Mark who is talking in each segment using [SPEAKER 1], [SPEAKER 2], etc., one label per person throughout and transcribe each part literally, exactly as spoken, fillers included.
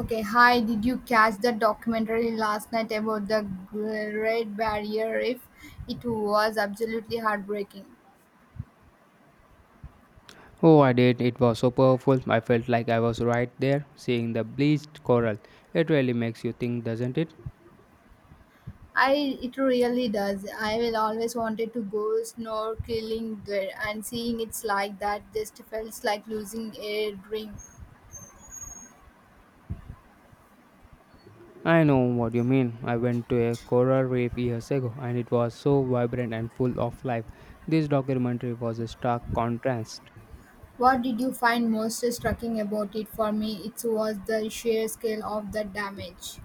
[SPEAKER 1] Okay, hi. Did you catch the documentary last night about the Great Barrier Reef? It was absolutely heartbreaking.
[SPEAKER 2] Oh, I did. It was so powerful. I felt like I was right there, seeing the bleached coral. It really makes you think, doesn't it?
[SPEAKER 1] I it really does. I will always wanted to go snorkeling there, and seeing it's like that just felt like losing a dream.
[SPEAKER 2] I know what you mean. I went to a coral reef years ago, and it was so vibrant and full of life. This documentary was a stark contrast.
[SPEAKER 1] What did you find most striking about it? For me, it was the sheer scale of the damage.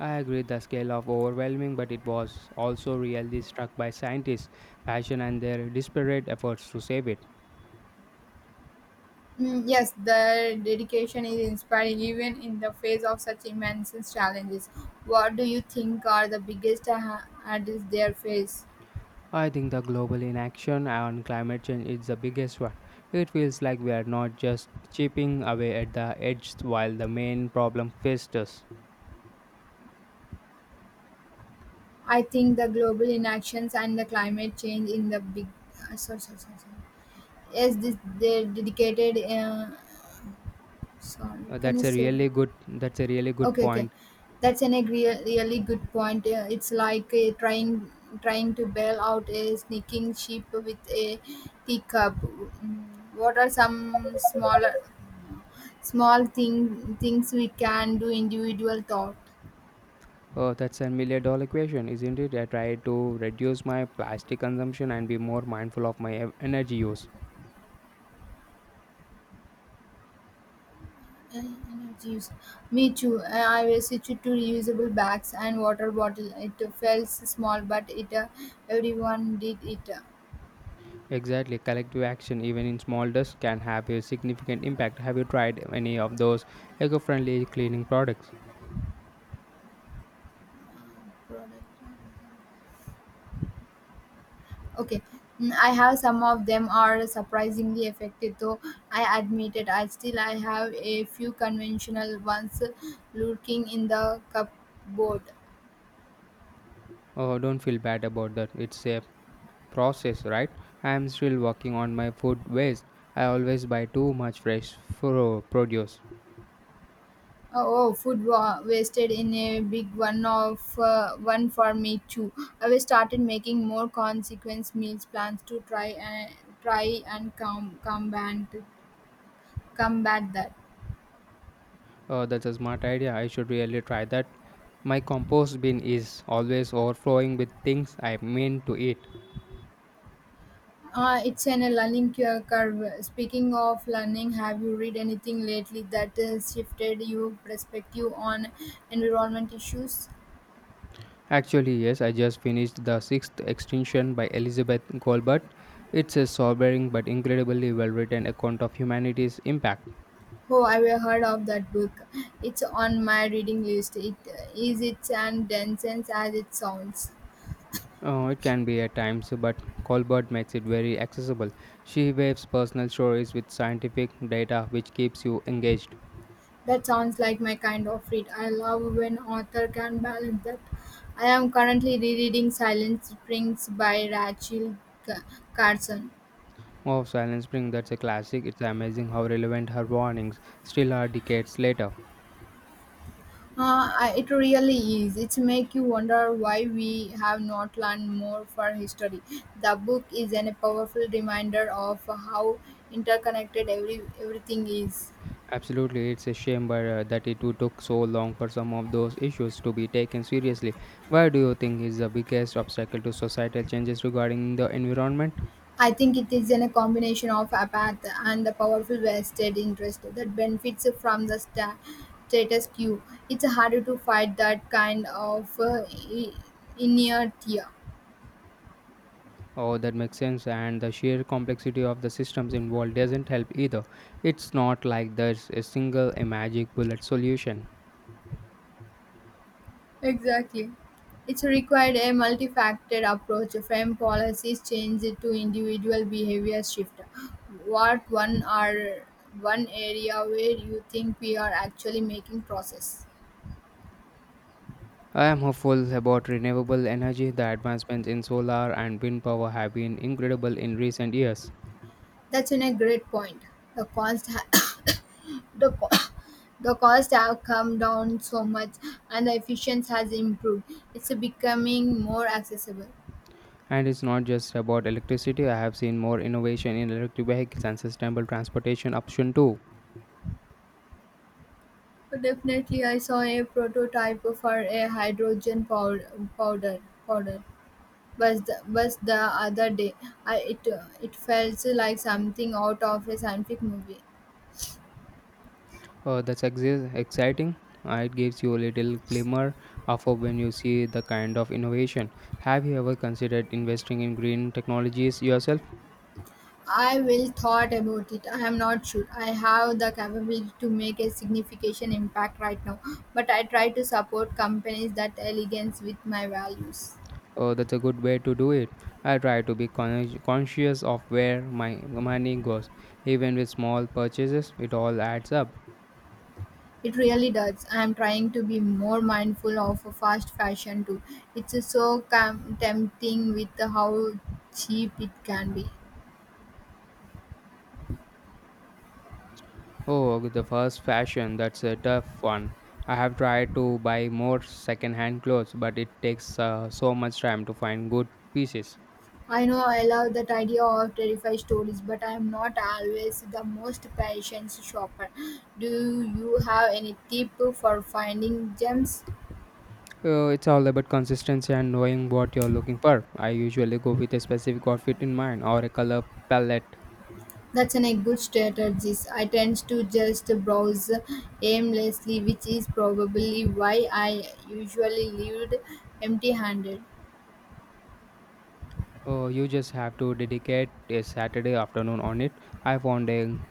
[SPEAKER 2] I agree the scale of overwhelming, but it was also really struck by scientists' passion and their desperate efforts to save it.
[SPEAKER 1] Mm, Yes, the dedication is inspiring even in the face of such immense challenges. What do you think are the biggest ha- hurdles they face?
[SPEAKER 2] I think the global inaction on climate change is the biggest one. It feels like we are not just chipping away at the edges while the main problem festers.
[SPEAKER 1] I think the global inactions and the climate change in the big. Uh, sorry, sorry, sorry, sorry. Yes, this, they're dedicated. Uh, sorry,
[SPEAKER 2] Uh,
[SPEAKER 1] can you
[SPEAKER 2] that's a
[SPEAKER 1] say that?
[SPEAKER 2] really good. That's a really good
[SPEAKER 1] Okay, okay.
[SPEAKER 2] point.
[SPEAKER 1] That's an agree really good point. Uh, It's like uh, trying trying to bail out a sneaking sheep with a teacup. Mm, what are some smaller small thing things we can do individual thought?
[SPEAKER 2] Uh, that's a million dollar question, isn't it? I try to reduce my plastic consumption and be more mindful of my e- energy use.
[SPEAKER 1] Uh, energy use. Me too. Uh, I will switch it to reusable bags and water bottle. It felt small, but it uh, everyone did it.
[SPEAKER 2] Exactly, collective action, even in small dust, can have a significant impact. Have you tried any of those eco-friendly cleaning products?
[SPEAKER 1] Okay, mm, I have some of them are surprisingly effective, though I admit it. I still I have a few conventional ones lurking in the cupboard.
[SPEAKER 2] Oh, don't feel bad about that. It's a process, right? I am still working on my food waste. I always buy too much fresh fro- produce.
[SPEAKER 1] Oh, oh, food wa- wasted in a big one of uh, one for me too. I will started making more consequence meals plans to try and try and com- combat combat that.
[SPEAKER 2] Oh, that's a smart idea. I should really try that. My compost bin is always overflowing with things I mean to eat.
[SPEAKER 1] Uh, it's an a learning cu- curve. Speaking of learning, have you read anything lately that has shifted your perspective on environment issues?
[SPEAKER 2] Actually, yes, I just finished The Sixth Extinction by Elizabeth Colbert. It's a sobering but incredibly well written account of humanity's impact.
[SPEAKER 1] Oh, I have heard of that book. It's on my reading list. It is it's and dense as it sounds.
[SPEAKER 2] Oh, it can be at times, but Colbert makes it very accessible. She waves personal stories with scientific data, which keeps you engaged.
[SPEAKER 1] That sounds like my kind of read. I love when author can balance that. I am currently rereading Silent Springs by Rachel Ca- Carson.
[SPEAKER 2] Oh, Silent Spring, that's a classic. It's amazing how relevant her warnings still are decades later.
[SPEAKER 1] Uh, I- it really is. It make you wonder why we have not learned more for history. The book is an- a powerful reminder of how interconnected every everything is.
[SPEAKER 2] Absolutely, it's a shame but, uh, that it would took so long for some of those issues to be taken seriously. Where do you think is the biggest obstacle to societal changes regarding the environment?
[SPEAKER 1] I think it is in a combination of apathy and the powerful vested interest that benefits from the sta- status quo. It's harder to fight that kind of uh, i- inertia.
[SPEAKER 2] Oh, that makes sense. And the sheer complexity of the systems involved doesn't help either. It's not like there's a single a magic bullet solution.
[SPEAKER 1] Exactly. It's required a multifaceted approach from policies change to individual behavior shift. What one are one area where you think we are actually making process?
[SPEAKER 2] I am hopeful about renewable energy. The advancements in solar and wind power have been incredible in recent years.
[SPEAKER 1] That's in a great point. The cost ha- the co- the cost have come down so much and the efficiency has improved. It's becoming more accessible.
[SPEAKER 2] And it's not just about electricity. I have seen more innovation in electric vehicles and sustainable transportation option too.
[SPEAKER 1] Definitely I saw a prototype for a hydrogen pow- powder powder was the, was the other day. I, it it felt like something out of a scientific movie.
[SPEAKER 2] Uh, that's exi- exciting. Uh, it gives you a little glimmer of hope when you see the kind of innovation. Have you ever considered investing in green technologies yourself?
[SPEAKER 1] I will thought about it. I am not sure. I have the capability to make a significant impact right now, but I try to support companies that elegance with my values.
[SPEAKER 2] Uh, that's a good way to do it. I try to be con- conscious of where my money goes. Even with small purchases, it all adds up.
[SPEAKER 1] It really does. I am trying to be more mindful of fast fashion too. It's so com- tempting with how cheap it can be.
[SPEAKER 2] Oh, the first fashion, that's a tough one. I have tried to buy more second-hand clothes, but it takes uh, so much time to find good pieces.
[SPEAKER 1] I know I love that idea of terrify stories, but I am not always the most patient shopper. Do you have any tip for finding gems?
[SPEAKER 2] So it's all about consistency and knowing what you're looking for. I usually go with a specific outfit in mind or a color palette.
[SPEAKER 1] That's an, a good strategy. I tend to just browse aimlessly, which is probably why I usually leave empty handed.
[SPEAKER 2] Oh, you just have to dedicate a Saturday afternoon on it. I found a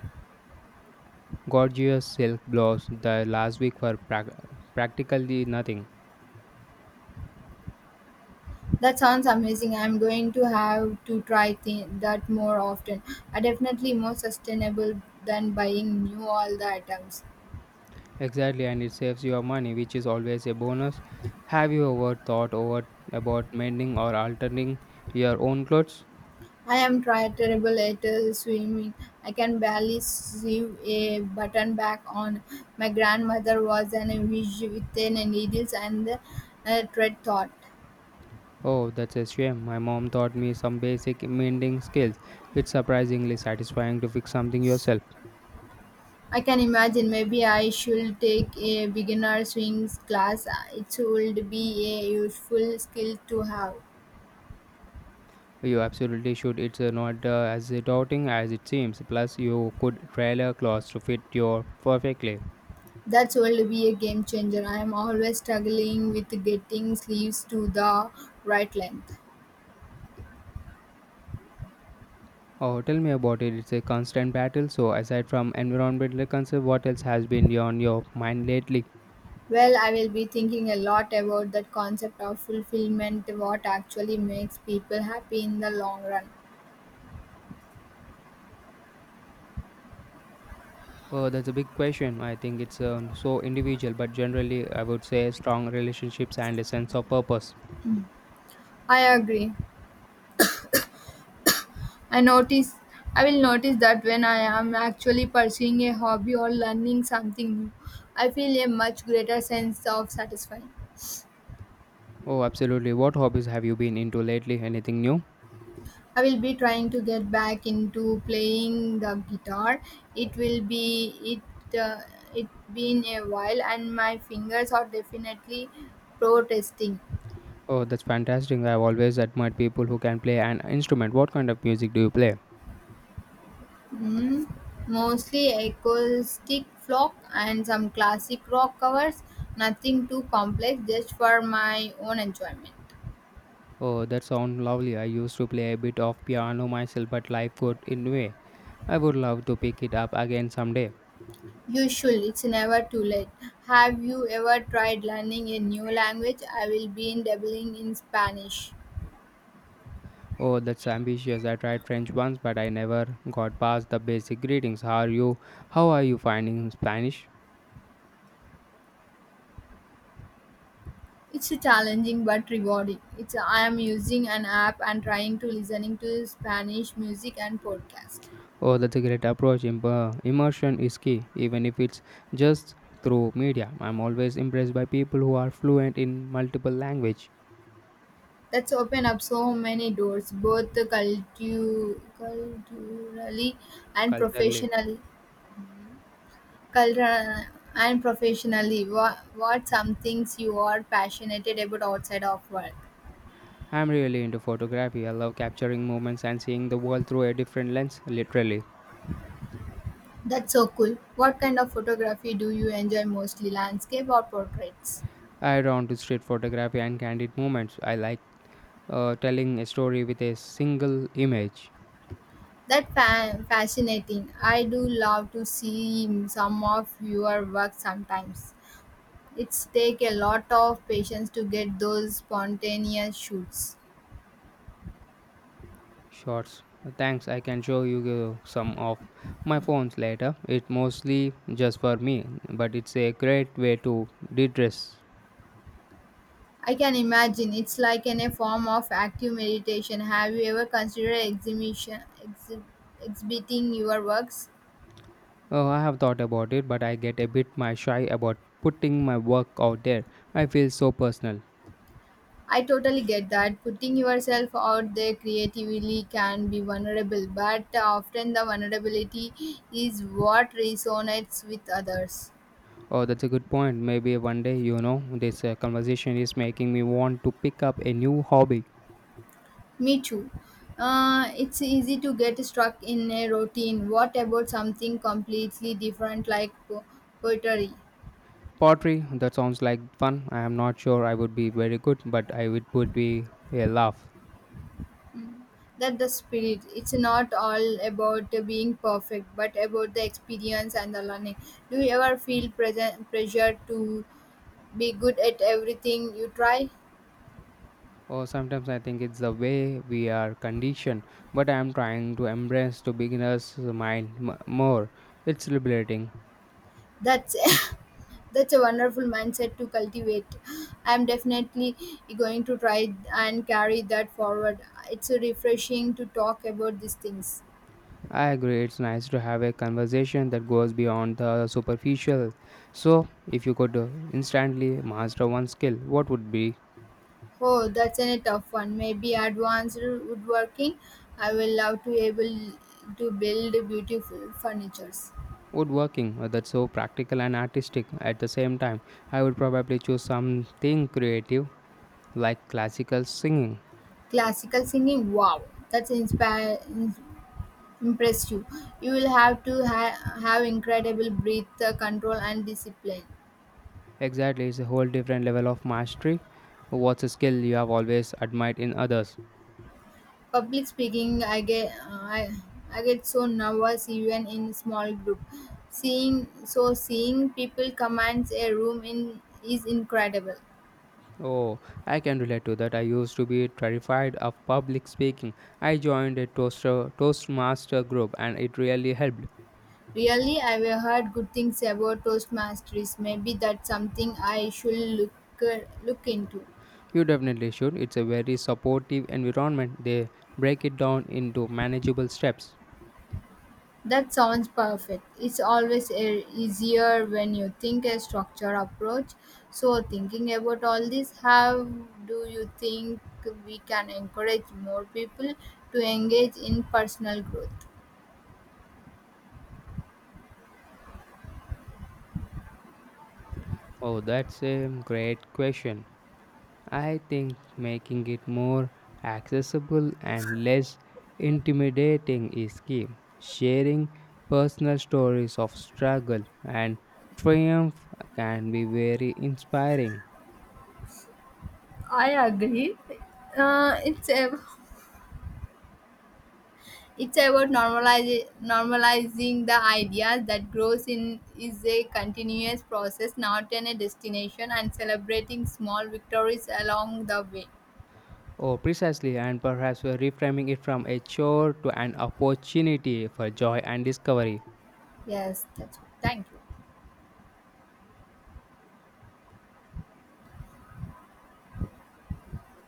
[SPEAKER 2] gorgeous silk blouse the last week for prac- practically nothing.
[SPEAKER 1] That sounds amazing. I'm going to have to try th- that more often. Are definitely more sustainable than buying new all the items.
[SPEAKER 2] Exactly, and it saves your money, which is always a bonus. Have you ever thought over about mending or altering your own clothes?
[SPEAKER 1] I am tri- terrible at uh, swimming. I can barely sew a button back on. My grandmother was an witch with the needles and the uh, thread thought.
[SPEAKER 2] Oh, that's a shame. My mom taught me some basic mending skills. It's surprisingly satisfying to fix something yourself.
[SPEAKER 1] I can imagine maybe I should take a beginner swing class. It would be a useful skill to have.
[SPEAKER 2] You absolutely should. It's uh, not uh, as daunting as it seems. Plus, you could tailor clothes to fit your perfectly.
[SPEAKER 1] That would be a game changer. I am always struggling with getting sleeves to the right length.
[SPEAKER 2] Oh, tell me about it. It's a constant battle. So, aside from environmental concerns, what else has been on your mind lately?
[SPEAKER 1] Well, I will be thinking a lot about that concept of fulfillment, what actually makes people happy in the long run.
[SPEAKER 2] Oh, that's a big question. I think it's uh, so individual, but generally, I would say strong relationships and a sense of purpose.
[SPEAKER 1] I agree. I notice I will notice that when I am actually pursuing a hobby or learning something new, I feel a much greater sense of satisfaction.
[SPEAKER 2] Oh, absolutely. What hobbies have you been into lately? Anything new?
[SPEAKER 1] I will be trying to get back into playing the guitar. It will be it uh, it been a while and my fingers are definitely protesting.
[SPEAKER 2] Oh, that's fantastic. I've always admired people who can play an instrument. What kind of music do you play?
[SPEAKER 1] Hmm, mostly acoustic folk and some classic rock covers. Nothing too complex, just for my own enjoyment.
[SPEAKER 2] Oh, that sounds lovely. I used to play a bit of piano myself, but life got in the way. I would love to pick it up again someday.
[SPEAKER 1] You should, it's never too late. Have you ever tried learning a new language? I will be in dabbling in Spanish.
[SPEAKER 2] Oh, that's ambitious. I tried French once, but I never got past the basic greetings. How are you? How are you finding Spanish?
[SPEAKER 1] It's challenging but rewarding. It's I am using an app and trying to listening to Spanish music and podcast.
[SPEAKER 2] Oh, that's a great approach. Im- uh, Immersion is key, even if it's just through media. I'm always impressed by people who are fluent in multiple language.
[SPEAKER 1] That's opened up so many doors, both cultu- culturally and
[SPEAKER 2] Culturally,
[SPEAKER 1] professionally. Cultural and professionally, what, what some things you are passionate about outside of work?
[SPEAKER 2] I'm really into photography. I love capturing moments and seeing the world through a different lens, literally.
[SPEAKER 1] That's so cool. What kind of photography do you enjoy mostly, landscape or portraits?
[SPEAKER 2] I drawn to street photography and candid moments. I like uh, telling a story with a single image.
[SPEAKER 1] That fa- fascinating. I do love to see some of your work sometimes. It's take a lot of patience to get those spontaneous shoots.
[SPEAKER 2] Shorts. Thanks, I can show you uh, some of my phones later. It's mostly just for me, but it's a great way to de stress.
[SPEAKER 1] I can imagine. It's like in a form of active meditation. Have you ever considered exhibition, exhi- exhibiting your works?
[SPEAKER 2] Oh, I have thought about it, but I get a bit my shy about putting my work out there. I feel so personal.
[SPEAKER 1] I totally get that. Putting yourself out there creatively can be vulnerable, but often the vulnerability is what resonates with others.
[SPEAKER 2] Oh, that's a good point. Maybe one day, you know, this uh, conversation is making me want to pick up a new hobby.
[SPEAKER 1] Me too. Uh, it's easy to get stuck in a routine. What about something completely different like po- poetry?
[SPEAKER 2] Pottery, that sounds like fun. I am not sure I would be very good, but I would would be a laugh.
[SPEAKER 1] That the spirit. It's not all about being perfect, but about the experience and the learning. Do you ever feel present pressure to be good at everything you try?
[SPEAKER 2] Or sometimes I think it's the way we are conditioned, but I am trying to embrace the beginner's mind m- more. It's liberating.
[SPEAKER 1] That's that's a wonderful mindset to cultivate. I'm definitely going to try and carry that forward. It's refreshing to talk about these things.
[SPEAKER 2] I agree, it's nice to have a conversation that goes beyond the superficial. So, if you could uh, instantly master one skill, what would be?
[SPEAKER 1] Oh, that's a tough one. Maybe advanced woodworking. I will love to able to build beautiful furnitures.
[SPEAKER 2] Woodworking, uh, that's so practical and artistic at the same time. I would probably choose something creative like classical singing.
[SPEAKER 1] Classical singing? Wow, that's inspire, in- impress you. You will have to ha- have incredible breath uh, control and discipline.
[SPEAKER 2] Exactly, it's a whole different level of mastery. What's a skill you have always admired in others?
[SPEAKER 1] Public speaking, I get, uh, I, I get so nervous even in small group. Seeing so seeing people commands a room in is incredible.
[SPEAKER 2] Oh, I can relate to that. I used to be terrified of public speaking. I joined a toaster, Toastmaster group and it really helped.
[SPEAKER 1] Really, I've heard good things about Toastmasters. Maybe that's something I should look uh, look into.
[SPEAKER 2] You definitely should. It's a very supportive environment. They break it down into manageable steps.
[SPEAKER 1] That sounds perfect. It's always e- easier when you think a structured approach. So, thinking about all this, how do you think we can encourage more people to engage in personal growth?
[SPEAKER 2] Oh, that's a great question. I think making it more accessible and less intimidating is key. Sharing personal stories of struggle and triumph can be very inspiring.
[SPEAKER 1] I agree. Uh, it's a It's about normalizing normalizing the idea that growth in is a continuous process, not in a destination, and celebrating small victories along the way.
[SPEAKER 2] Oh, precisely, and perhaps we're reframing it from a chore to an opportunity for joy and discovery.
[SPEAKER 1] Yes, that's it. Thank you.